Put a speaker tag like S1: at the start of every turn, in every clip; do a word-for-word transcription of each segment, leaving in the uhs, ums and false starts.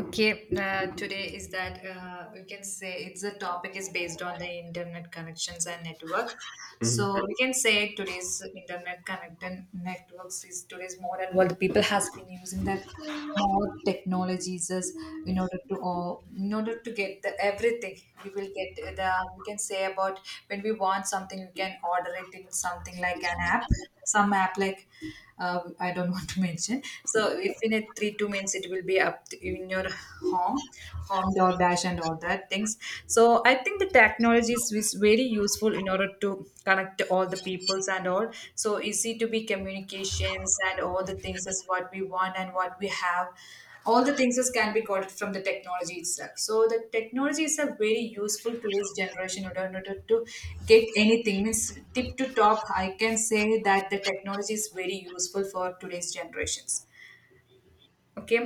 S1: Okay, uh, today is that uh, we can say it's the topic is based on the internet connections and network. So
S2: Mhm.
S1: we can say today's internet connected networks is today's more and world people has been using that more technologies as in order to or in order to get the everything we will get the we can say about when we want something we can order it in something like an app, some app like, uh, I don't want to mention. So if in a three two minutes it will be up to, in your home, home door dash and all that things. So I think the technology is is very useful in order to connect all the peoples and all. So easy to be communications, and all the things is what we want, and what we have all the things just can be got from the technology itself. So the technology is a very useful to this generation in order in order to get anything. Means tip to top, I can say that the technology is very useful for today's generations. Okay.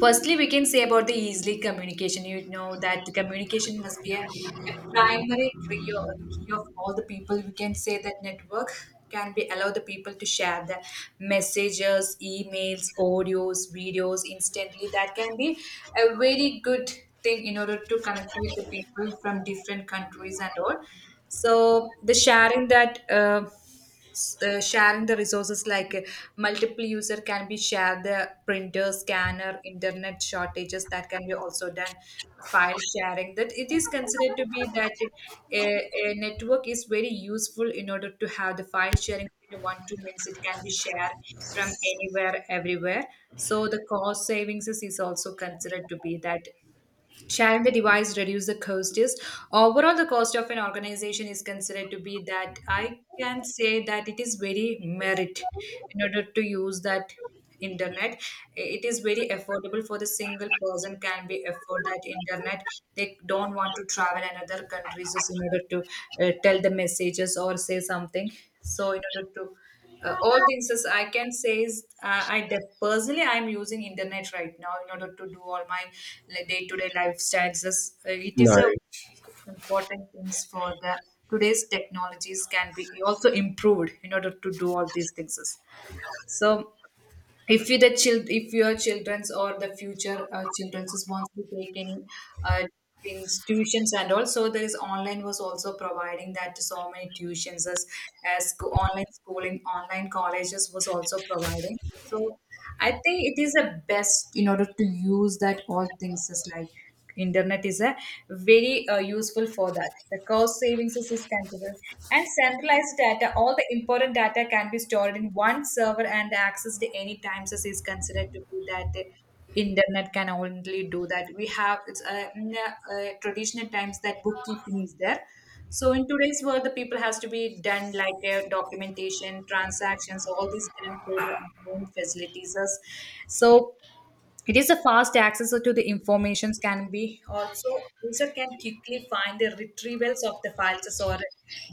S1: Firstly, we can say about the easily communication. You know that the communication must be a, a primary key of, key of all the people. We can say that network can be allow the people to share the messages, emails, audios, videos instantly. That can be a very good thing in order to connect with the people from different countries and all. So the sharing that. Uh, uh, sharing the resources, like uh, multiple user can be shared the printer, scanner, internet shortages, that can be also done. File sharing, that it is considered to be that, uh, a, a network is very useful in order to have the file sharing in one two minutes it can be shared from anywhere everywhere. So the cost savings is, is also considered to be that. Shall the device reduce the cost is. Overall, the cost of an organization is considered to be that I can say that it is very merit in order to use that internet. It is very affordable for the single person can be afford that internet. They don't want to travel another countries just in order to uh, tell the messages or say something. So in order to, uh, all things as I can say is, uh, I def- personally I'm using internet right now in order to do all my day to day lifestyles. As, uh, it
S2: No.
S1: is a important things for the today's technologies can be also improved in order to do all these things. So if you the child, if your children's or the future uh, children's is wants to take any uh, institutions. And also there is online was also providing that so many tuitions, as, as sco- online schooling, online colleges was also providing. So I think it is the best in order to use that all things is like internet is a very, uh, useful for that. The cost savings is, is considered, and centralized data. All the important data can be stored in one server and accessed any times as is considered to be that. uh, internet can only do that we have it's uh, in uh, uh, traditional times that bookkeeping is there. So in today's world, the people has to be done like, uh, documentation, transactions, all these done through the online facilities. Us. So it is a fast access to the informations can be also user can quickly find the retrievals of the files or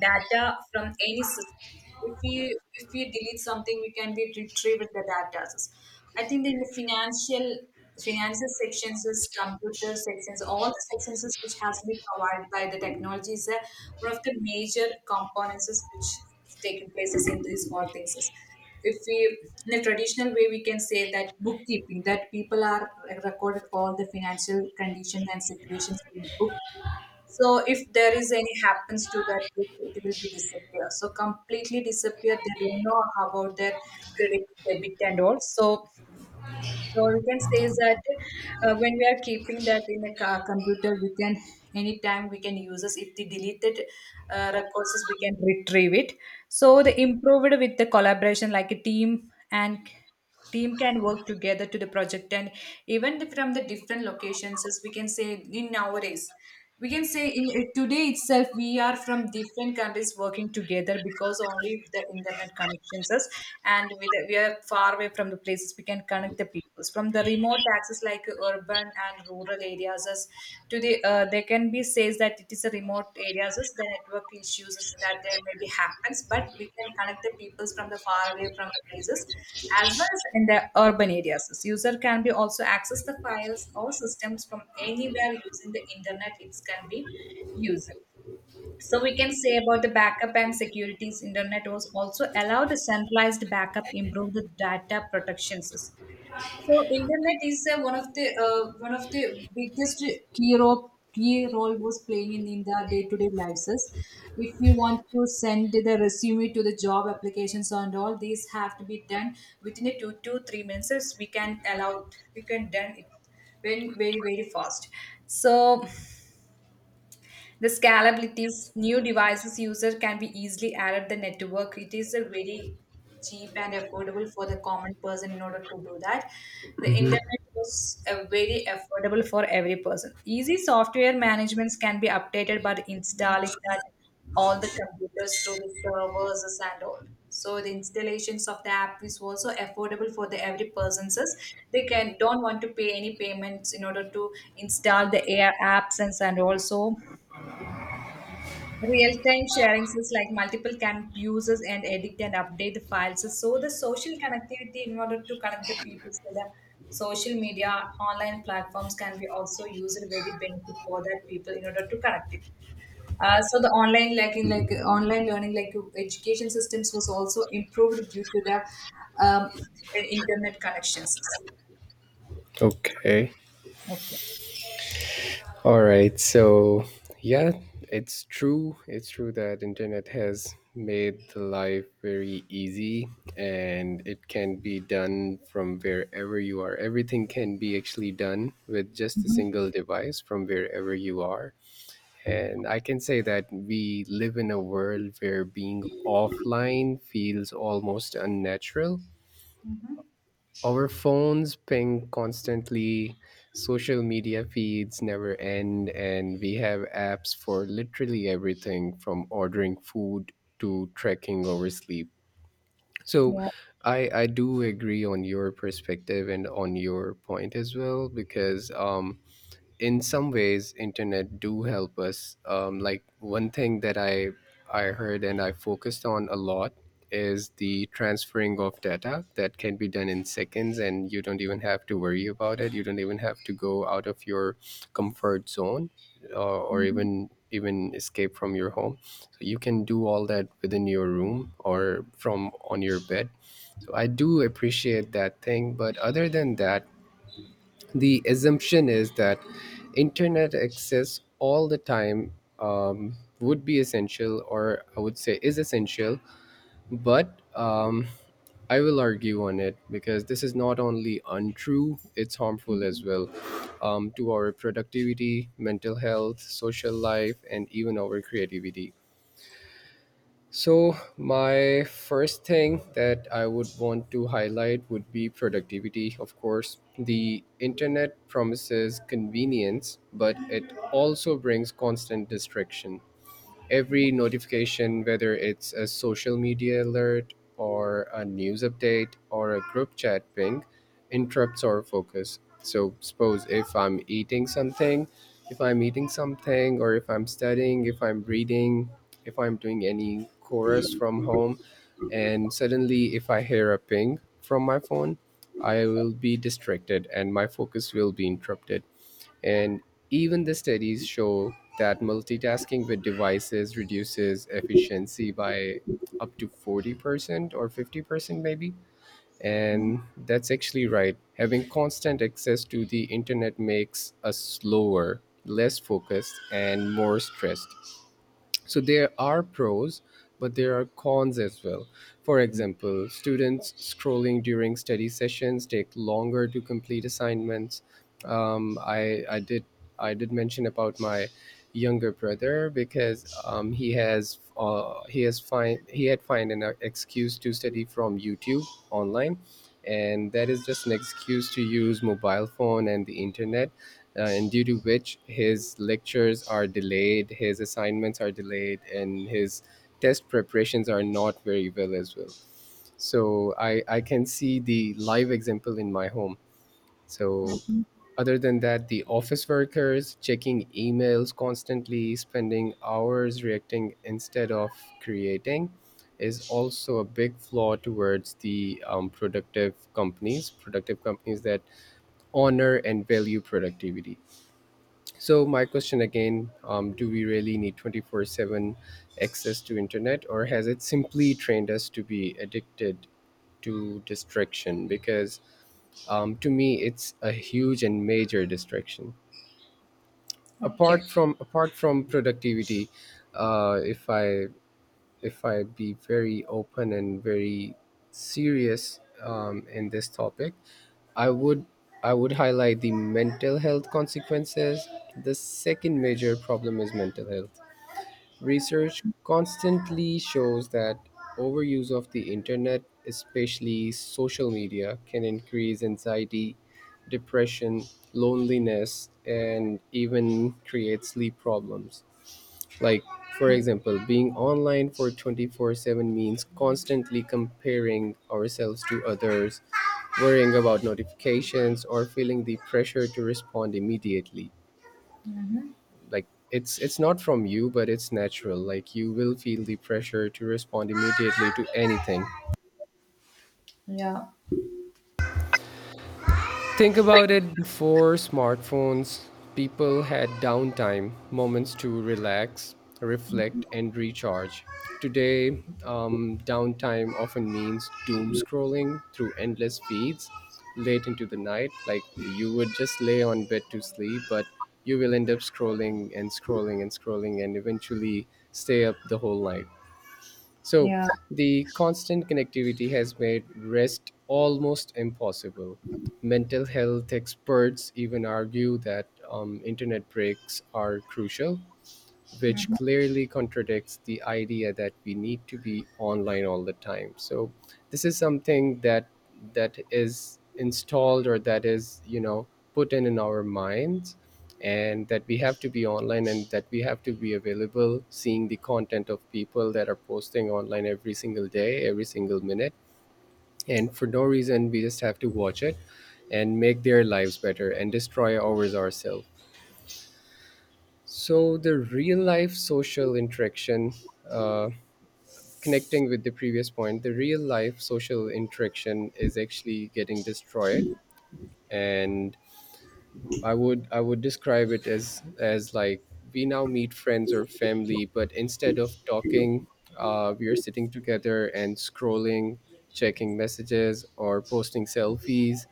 S1: data from any system. If we if we delete something, we can be retrieved the data. I think in the financial financial sections, is computer sections, all the sections is which has been provided by the technology is, uh, one of the major components is which is taking places in these all things. If we, in a traditional way, we can say that bookkeeping, that people are recorded all the financial conditions and situations in the book. So if there is any happens to that book, it will be disappear, so completely disappear, they don't know about their credit debit and all. So so we can say is that, uh, when we are keeping that in a ca- computer, we can anytime we can use this. If the deleted uh, records, we can retrieve it. So the improved with the collaboration, like a team and team can work together to the project, and even the- from the different locations as we can say in nowadays, we can say in, today itself we are from different countries working together because only the internet connections us. And we, we are far away from the places, we can connect the peoples from the remote access like urban and rural areas us. To the, uh, there can be says that it is a remote areas is the network issues is that there maybe happens, but we can connect the peoples from the far away from the places, as well as in the urban areas. This user can be also access the files or systems from anywhere using the internet it can be used. So we can say about the backup and securities, internet was also allowed a centralized backup, improve the data protections. So internet is, uh, one of the uh, one of the biggest key role, key role was playing in, in the day to day lives. is. If you want to send the resume to the job applications, and all these have to be done within a two to three minutes. We can allow we can done it very very very fast. So the scalability of new devices, user can be easily added the network. It is a very cheap and affordable for the common person in order to do that. The
S2: Mhm.
S1: internet was, uh, very affordable for every person. Easy software managements can be updated by installing that all the computers through the servers and all. So the installations of the app is also affordable for the every person's. They can don't want to pay any payments in order to install the air apps, and, and also real-time sharing is like multiple can users and edit and update the files. So the social connectivity in order to connect the people. So the social media, online platforms can be also used very benefit for that people in order to connect it. Uh, so the online like in like online learning like education systems was also improved due to the um, internet connections.
S2: Okay.
S1: Okay.
S2: All right. So yeah, it's true. It's true that internet has made the life very easy, and it can be done from wherever you are. Everything can be actually done with just a
S1: Mhm.
S2: single device from wherever you are. And I can say that we live in a world where being offline feels almost unnatural.
S1: Mhm.
S2: Our phones ping constantly, social media feeds never end, and we have apps for literally everything, from ordering food to tracking our sleep. So
S1: Yeah.
S2: I, I do agree on your perspective and on your point as well because um, in some ways internet do help us, um, like one thing that i i heard and I focused on a lot is the transferring of data that can be done in seconds, and you don't even have to worry about it. You don't even have to go out of your comfort zone uh, or even even escape from your home, so you can do all that within your room or from on your bed. So I do appreciate that thing, but other than that, the assumption is that internet access all the time, um, would be essential, or I would say is essential. But um, I will argue on it, because this is not only untrue, it's harmful as well, um, to our productivity, mental health, social life, and even our creativity. So, my first thing that I would want to highlight would be productivity, of course. The internet promises convenience, but it also brings constant distraction. Every notification, whether it's a social media alert or a news update or a group chat ping, interrupts our focus. So, suppose if I'm eating something, if I'm eating something, or if I'm studying, if I'm reading, if I'm doing any chorus from home, and suddenly if I hear a ping from my phone, I will be distracted and my focus will be interrupted. And even the studies show that multitasking with devices reduces efficiency by up to forty percent or fifty percent, maybe. And that's actually right. Having constant access to the internet makes us slower, less focused, and more stressed. So there are pros, but there are cons as well. For example, students scrolling during study sessions take longer to complete assignments. Um, I, I did i did mention about my younger brother because um, he has uh, he has find he had find an excuse to study from YouTube online, and that is just an excuse to use mobile phone and the internet. Uh, and due to which his lectures are delayed, his assignments are delayed, and his test preparations are not very well as well. So I, I can see the live example in my home. So
S1: Mhm.
S2: other than that, the office workers checking emails constantly, spending hours reacting instead of creating, is also a big flaw towards the um, productive companies, productive companies that honor and value productivity. So my question again, um, do we really need twenty four seven access to internet, or has it simply trained us to be addicted to distraction? Because um, to me it's a huge and major distraction. Apart
S1: Okay.
S2: from apart from productivity, uh, if I, if I be very open and very serious um, in this topic, I would I would highlight the mental health consequences. The second major problem is mental health. Research constantly shows that overuse of the internet, especially social media, can increase anxiety, depression, loneliness, and even create sleep problems. Like, for example, being online for twenty four seven means constantly comparing ourselves to others, worrying about notifications, or feeling the pressure to respond immediately.
S1: Mhm.
S2: Like, it's, it's not from you, but it's natural. Like, you will feel the pressure to respond immediately to anything.
S1: Yeah.
S2: Think about it: before smartphones, people had downtime, moments to relax, reflect, and recharge. Today, um, downtime often means doom scrolling through endless feeds late into the night. Like you would just lay on bed to sleep, but you will end up scrolling and scrolling and scrolling and eventually stay up the whole night. So,
S1: Yeah.
S2: the constant connectivity has made rest almost impossible. Mental health experts even argue that um, internet breaks are crucial, which clearly contradicts the idea that we need to be online all the time. So this is something that that is installed or that is you know, put in in our minds, and that we have to be online, and that we have to be available, seeing the content of people that are posting online every single day, every single minute, and for no reason we just have to watch it and make their lives better and destroy ours ourselves. So the real life social interaction, uh, connecting with the previous point, the real life social interaction is actually getting destroyed. And I would I would describe it as as like we now meet friends or family, but instead of talking, uh, we are sitting together and scrolling, checking messages or posting selfies.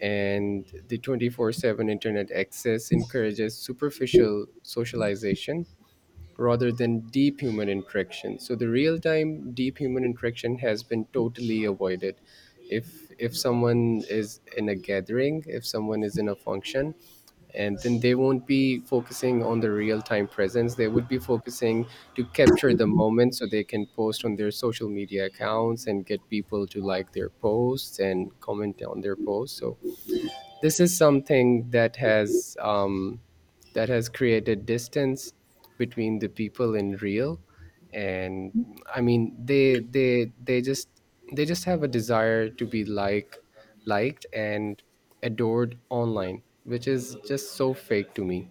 S2: And the twenty four seven internet access encourages superficial socialization rather than deep human interaction. So the real time deep human interaction has been totally avoided. If if someone is in a gathering, if someone is in a function, and then they won't be focusing on the real time presence. They would be focusing to capture the moment so they can post on their social media accounts and get people to like their posts and comment on their posts. So this is something that has, um, that has created distance between the people in real. And I mean, they they they just they just have a desire to be like liked and adored online, which is just so fake to me.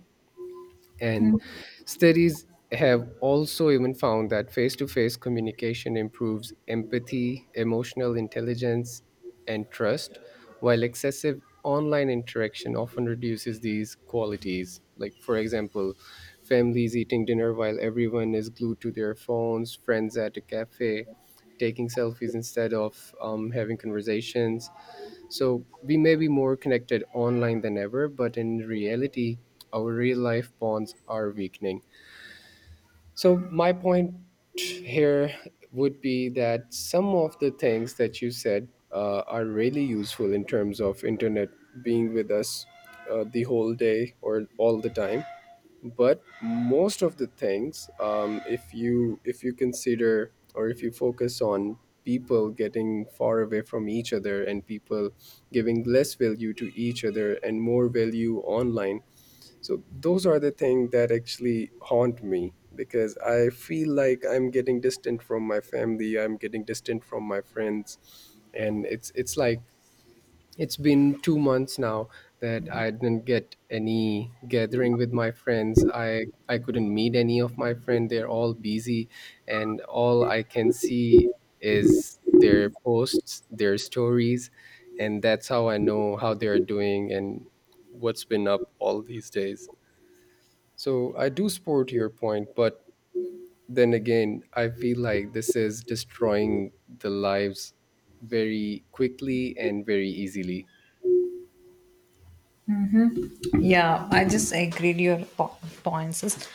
S2: And
S1: Mhm.
S2: studies have also even found that face to face communication improves empathy, emotional intelligence, and trust, while excessive online interaction often reduces these qualities. Like, for example, families eating dinner while everyone is glued to their phones, friends at a cafe taking selfies instead of um, having conversations. So we may be more connected online than ever, but in reality, our real life bonds are weakening. So my point here would be that some of the things that you said, uh, are really useful in terms of internet being with us, uh, the whole day or all the time. But most of the things, um, if you, if you consider or if you focus on people getting far away from each other and people giving less value to each other and more value online, so those are the things that actually haunt me, because I feel like I'm getting distant from my family, I'm getting distant from my friends. And it's it's like, it's been two months now that I didn't get any gathering with my friends. I I couldn't meet any of my friends. They're all busy, and all I can see is their posts, their stories, and that's how I know how they're doing and what's been up all these days. So I do support your point, but then again, I feel like this is destroying the lives very quickly and very easily.
S1: Yeah, I just agreed your po- points is-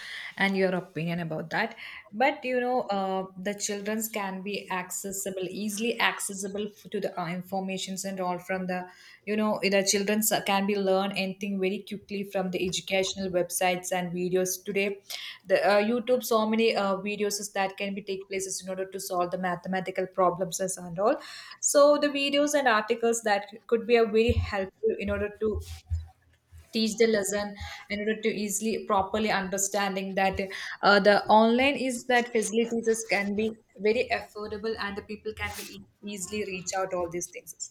S1: and your opinion about that. But you know, uh, the childrens can be accessible, easily accessible, f- to the uh, informations and all from the, you know, the childrens can be learn anything very quickly from the educational websites and videos today. The uh, YouTube, so many uh, videos is that can be take places in order to solve the mathematical problems as and all. So the videos and articles that could be a very helpful in order to teach the lesson in order to easily properly understanding that, uh, the online is that facilities is- can be very affordable, and the people can be, e- easily reach out all these things.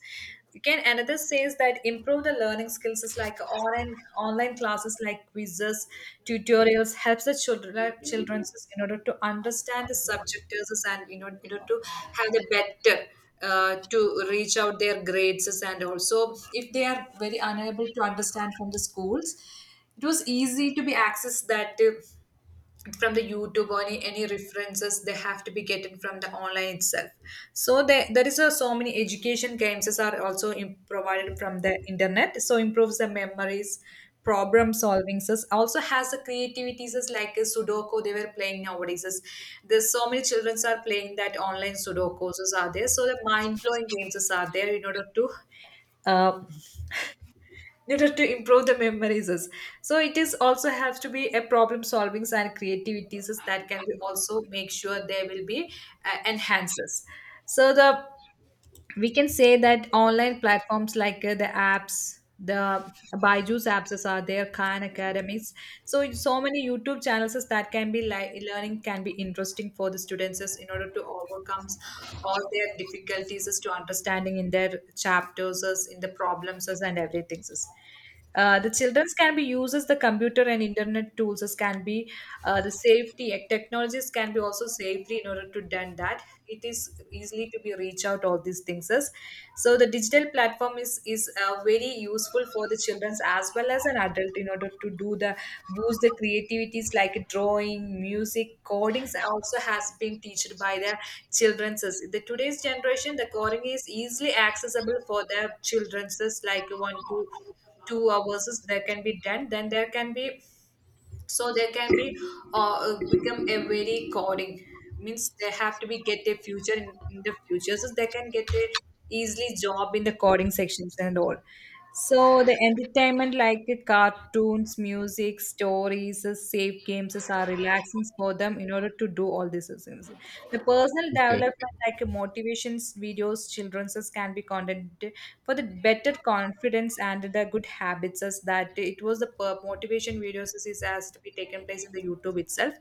S1: You can another says that improve the learning skills is like online online classes like quizzes tutorials helps the children children in order to understand the subjects, and in order in order to have the better, uh, to reach out their grades. And also if they are very unable to understand from the schools, it was easy to be accessed that, uh, from the youtube or any, any references they have to be getting from the online itself. So there, there is a, so many education games are also im- provided from the internet. So improves the memories, problem solving, so also has the creativities, so like a sudoku they were playing nowadays. So there's so many children are playing that online sudokus is are there, so the mind-blowing games is are there in order to uh, in order to improve the memories is. So it is also has to be a problem solving's and creativities is that can be also make sure they will be uh, enhances. So the we can say that online platforms like uh, the apps, the Byju's apps is are there, Khan Academies. So so many YouTube channels is that can be like learning can be interesting for the students is in order to overcome all their difficulties is to understanding in their chapters is in the problems is and everything is. Uh, the childrens can be used as the computer and internet tools as can be. Uh, the safety ec- technologies can be also safely in order to done that. It is easily to be reach out all these things as. So the digital platform is is uh, very useful for the children as well as an adult in order to do the boost the creativities like drawing music codings also has been taught by the children's as- the today's generation. The coding is easily accessible for their children's as like one to two hours is there can be done then there can be. So there can be uh, become a very coding means they have to be get a future in, in the future, so they can get a easily job in the coding sections and all. So the entertainment like the cartoons music stories uh, safe games is are relaxing for them in order to do all these things. The personal
S2: Okay.
S1: development like motivations videos children's can be content for the better confidence and the good habits as that it was the per- motivation videos is is has to be taken place in the YouTube itself.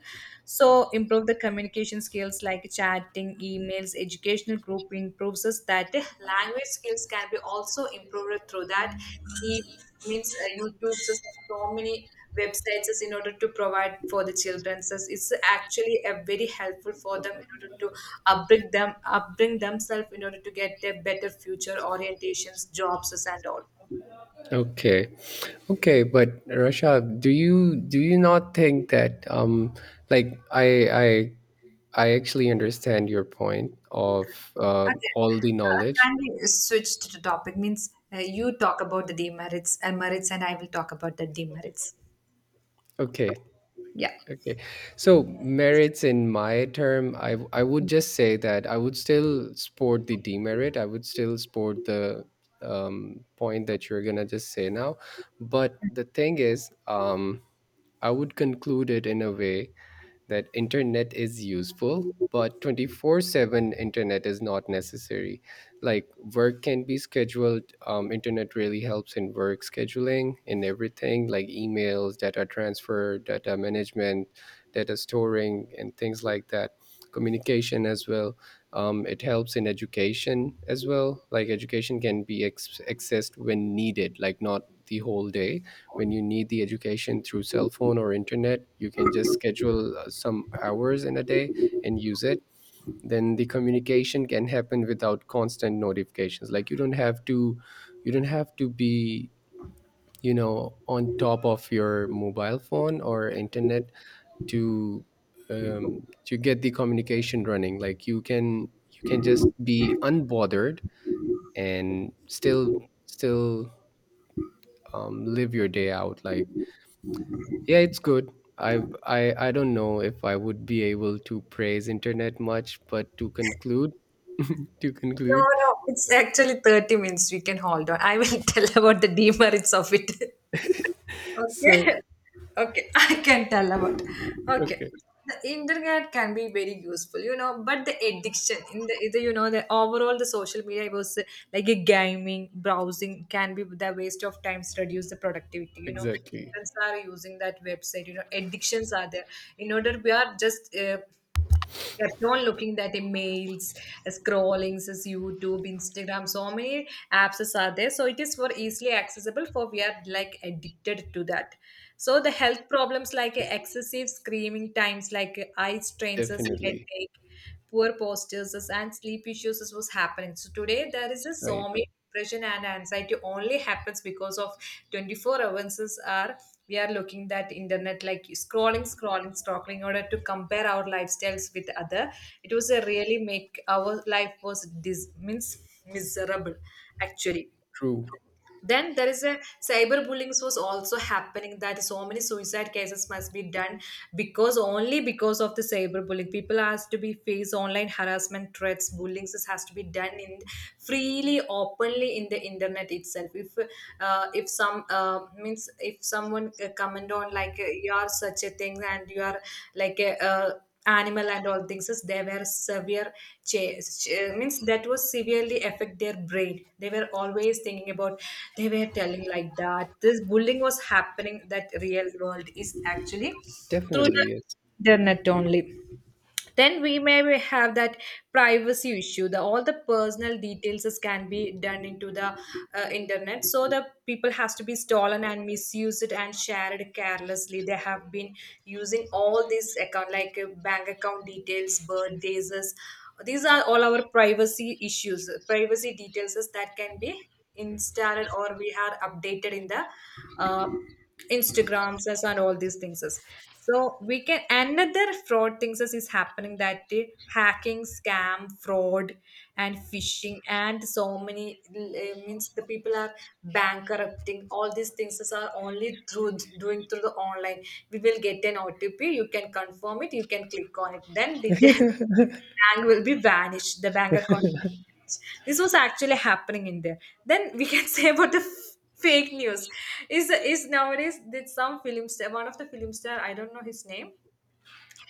S1: So improve the communication skills like chatting emails educational group improves us that the language skills can be also improved through that it. Means uh, you know tubes us so many websites is in order to provide for the children, so it's actually a very helpful for them in order to upbring them upbring themselves in order to get their better future orientations jobs and all.
S2: Okay, okay, but Rasha, do you, do you not think that um, like I I I actually understand your point of uh,
S1: Okay.
S2: all the
S1: Uh,
S2: knowledge.
S1: Can we switch to the topic? Means uh, you talk about the demerits and merits, and I will talk about the demerits.
S2: Okay,
S1: Yeah.
S2: okay. So merits in my term, I I would just say that I would still support the demerit. I would still support the um, point that you're gonna just say now, but the thing is, um, I would conclude it in a way that internet is useful but twenty four seven internet is not necessary. Like work can be scheduled. Um, internet really helps in work scheduling, in everything, like emails, data transfer, data management, data storing, and things like that, communication as well. Um, it helps in education as well. Like education can be ex- accessed when needed, like not the whole day. When you need the education through cell phone or internet, you can just schedule uh, some hours in a day and use it. Then the communication can happen without constant notifications. Like you don't have to, you don't have to be you know, on top of your mobile phone or internet, to um, to get the communication running. Like you can, you can just be unbothered and still still um, live your day out. Like, yeah, it's good. I, I I don't know if I would be able to praise internet much, but to conclude, to
S1: No,
S2: conclude.
S1: no, it's actually thirty minutes. We can hold on. I will tell about the demerits of it.
S2: So,
S1: Okay. Okay, I can tell about. Okay.
S2: okay,
S1: The internet can be very useful, you know, but the addiction in the, the you know the overall the social media was uh, like a gaming browsing can be the waste of times reduce the productivity, you know.
S2: exactly.
S1: Students are using that website, you know, addictions are there. In order we are just uh, kept on looking at emails, scrollings, as YouTube, Instagram, so many apps is are there. So it is for easily accessible for we are like addicted to that. So the health problems like excessive screaming times, like eye strains,
S2: Definitely.
S1: headache, poor postures and sleep issues is was happening. So today there is just
S2: Right.
S1: so many depression and anxiety only happens because of twenty-four hours are we are looking that internet like scrolling scrolling scrolling in order to compare our lifestyles with other. It was a really make our life was dis- means miserable actually.
S2: True.
S1: Then there is a cyberbullying was also happening that so many suicide cases must be done because only because of the cyberbullying people has to be face online harassment threats bullying this has to be done in freely openly in the internet itself. If uh, if some uh, means if someone uh, comment on like uh, you are such a thing and you are like a uh, animal and all things is they were severe chase means that was severely affect their brain. They were always thinking about, they were telling like that this bullying was happening that real world is actually through
S2: Definitely yes.
S1: the internet only. Then we may have that privacy issue. The all the personal details is- can be done into the uh, internet, so the people has to be stolen and misused and shared carelessly. They have been using all these account like uh, bank account details, birthdays is- these are all our privacy issues privacy details is that can be installed or we had updated in the uh, Instagrams as and all these things. As. So we can another fraud things as is happening that the hacking, scam, fraud, and phishing, and so many uh, means the people are bankrupting. All these things as are only through doing through the online. We will get an O T P. You can confirm it. You can click on it. Then detail. Bank will be vanished, the bank account. Will be vanished. This was actually happening in there. Then we can say about the f- fake news. Is is nowadays did some film star, one of the film star, I don't know his name,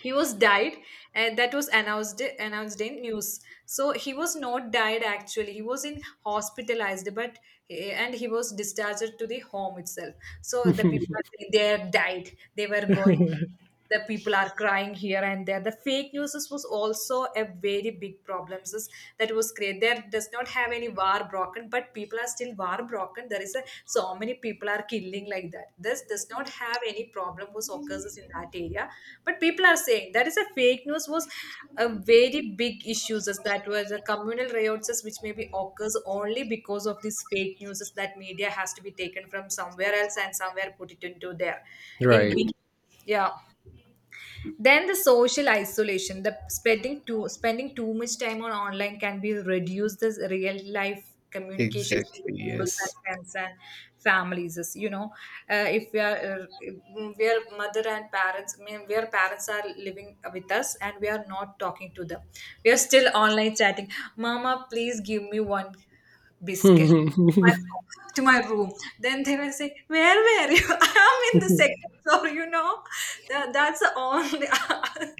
S1: he was died and that was announced announced in news, so he was not died actually he was in hospitalized but eh, and he was discharged to the home itself. So the people are saying they have died, they were going, the people are crying here and there. The fake news was also a very big problem that was created. There does not have any war war broken but people are still war broken. There is a so many people are killing like that. This does not have any problem was occurs in that area but people are saying that is a fake news was a very big issues is that were the communal riots is which maybe occurs only because of these fake news is that media has to be taken from somewhere else and somewhere put it into there in
S2: Right.
S1: Greece. Yeah. Then the social isolation, the spending too spending too much time on online can be reduced this real life communication with
S2: Exactly.
S1: people
S2: Yes.
S1: such friends and families is, you know, uh, if we are uh, we are mother and parents, I mean where parents are living with us and we are not talking to them, we are still online chatting. Mama please give me one biscuit, why my ho- to my room. Then they will say, "Where were you? I am in the second floor." You know, that that's the only.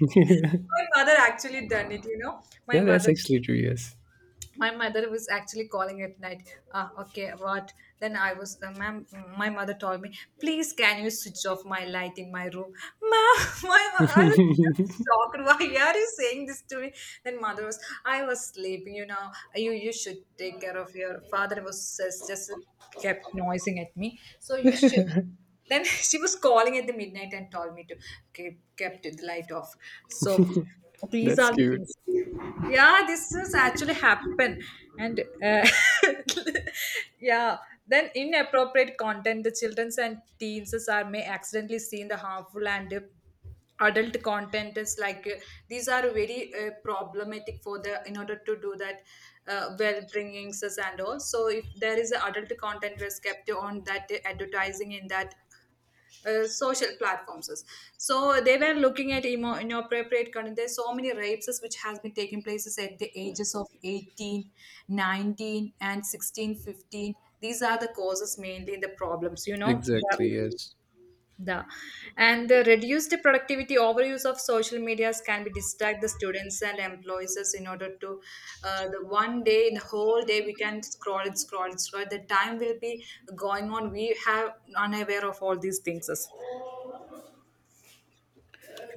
S2: Yeah,
S1: My mother actually done it. You know, my
S2: that's
S1: mother
S2: actually true. Yes.
S1: my mother was actually calling at night. Uh, okay what, then I was uh, ma'am, my mother told me, please can you switch off my light in my room, ma'am. My, I was just shocked. Why are you saying this to me? Then mother was, I was sleeping you know, you you should take care of your father was just, just kept noising at me, so you should. Then she was calling at the midnight and told me to keep kept the light off. So these
S2: That's
S1: are the
S2: cute.
S1: things. Yeah, this has actually happened, and uh, yeah. Then inappropriate content, the childrens and teens are may accidentally seen the harmful and uh, adult content is like uh, these are very uh, problematic for the in order to do that uh, well bringings us and all. So if there is a adult content was kept on that advertising in that uh, social platforms, so they were looking at emo- inappropriate content. There's so many rapes which has been taking places at the ages of eighteen, nineteen, and sixteen, fifteen. These are the causes mainly the problems you know,
S2: Exactly.
S1: the,
S2: Yes.
S1: the and the reduced productivity overuse of social medias can be distract the students and employees in order to uh, the one day the whole day we can scroll and scroll and scroll, the time will be going on, we have unaware of all these things.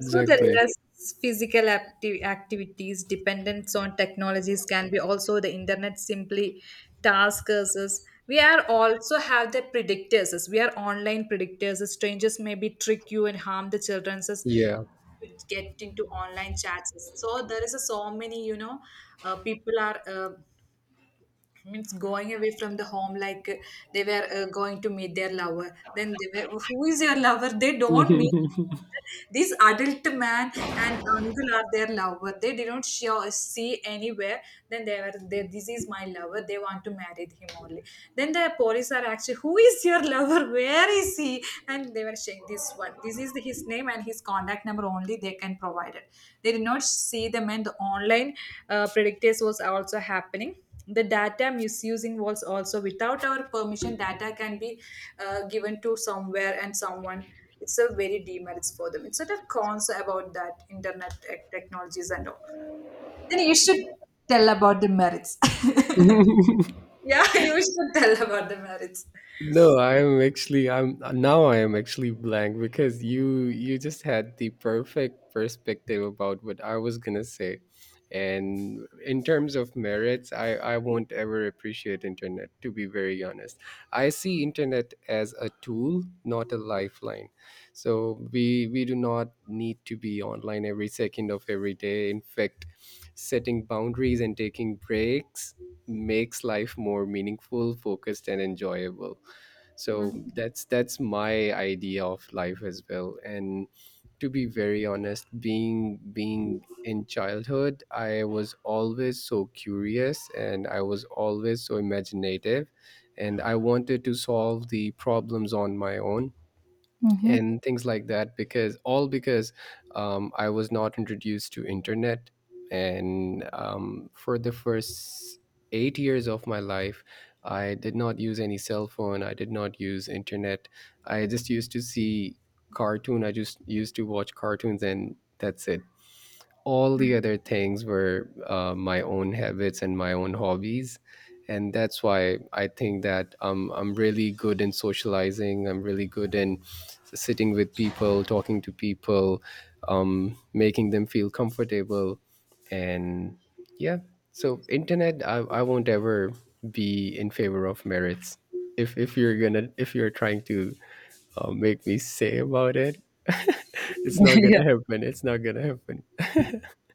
S1: So the
S2: Exactly.
S1: less physical acti- activities dependence on technologies can be also the internet simply task us. Us. We are also have the predictors. Us. We are online predictors. Us. Strangers maybe trick you and harm the children's us
S2: Yeah.
S1: to get into online chats. So there is a so many you know uh, people are. Uh, means going away from the home like uh, they were uh, going to meet their lover, then they were who is your lover, they don't meet, this adult man and uncle are their lover, they did not show, see anywhere. Then they were they, this is my lover, they want to marry him only. Then the police are actually who is your lover, where is he, and they were saying this one this is his name and his contact number only they can provide it. They did not see them and the online uh, predictors was also happening. The data misusing was also without our permission data can be uh, given to somewhere and someone. It's a very demerits for them, it's such a cons about that internet tech- technologies and all. Then you should tell about the merits. Yeah, you should tell about the merits.
S2: No, I'm actually, I'm now I am actually blank because you you just had the perfect perspective about what I was gonna say. And in terms of merits, I I won't ever appreciate internet, to be very honest. I see internet as a tool, not a lifeline. So we we do not need to be online every second of every day. In fact, setting boundaries and taking breaks makes life more meaningful, focused and enjoyable. So that's that's my idea of life as well. And to be very honest, being being in childhood, I was always so curious and I was always so imaginative, and I wanted to solve the problems on my own
S1: Hmm.
S2: and things like that, because all because um, I was not introduced to internet. And um, for the first eight years of my life, I did not use any cell phone, I did not use internet. I just used to see cartoon, I just used to watch cartoons, and that's it. All the other things were uh, my own habits and my own hobbies. And that's why I think that um, I'm really good in socializing, I'm really good in sitting with people, talking to people, um, making them feel comfortable. And yeah, so internet, I, I won't ever be in favor of merits. If if you're gonna, if you're trying to uh, make me say about it it's not
S1: Yeah.
S2: gonna happen, it's not gonna happen.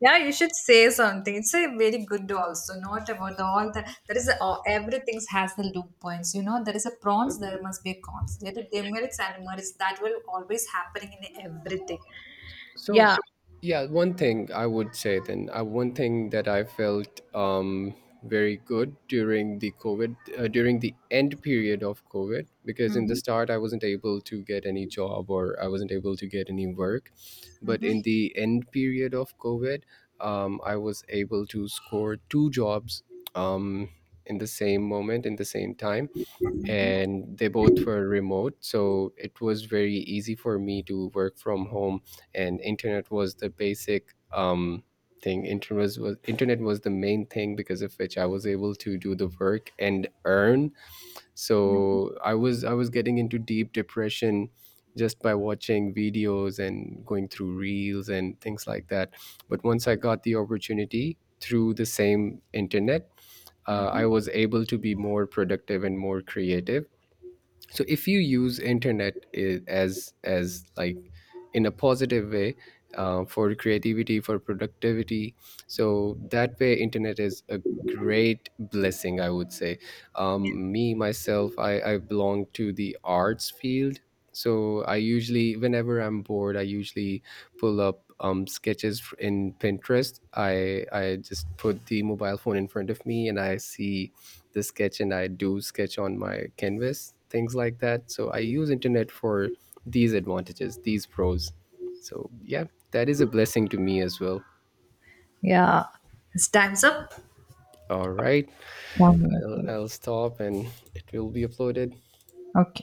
S1: Yeah, you should say something. It's a very good also, not about all the there is a, oh, everything has the loop points. You know, there is a prawns, there must be a cons. There are demerits and merits that will always happening in everything.
S2: So,
S1: Yeah.
S2: yeah, one thing I would say then, uh, one thing that I felt um, very good during the COVID, uh, during the end period of COVID, because in the
S1: Mm-hmm.
S2: start I wasn't able to get any job or I wasn't able to get any work. But
S1: Mm-hmm.
S2: in the end period of COVID, um, I was able to score two jobs, um, in the same moment, in the same time, and they both were remote, so it was very easy for me to work from home, and internet was the basic, um thing. Internet was, was internet was the main thing, because of which I was able to do the work and earn.
S1: Mm-hmm.
S2: So i was i was getting into deep depression just by watching videos and going through reels and things like that. But once I got the opportunity through the same internet, uh, I
S1: Mm-hmm.
S2: was able to be more productive and more creative. So if you use internet i- as as like in a positive way, uh, for creativity, for productivity, so that way internet is a great blessing, I would say.
S1: Yeah.
S2: Um, me myself, I, I belong to the arts field. So I usually, whenever I'm bored, I usually pull up um, sketches f- in Pinterest. I i just put the mobile phone in front of me and I see the sketch, and I do sketch on my canvas, things like that. So I use internet for these advantages, these pros. So yeah, that is a blessing to me as well.
S1: Yeah. It's time's up.
S2: All right,
S1: One minute.
S2: I'll, I'll stop and it will be uploaded.
S1: Okay.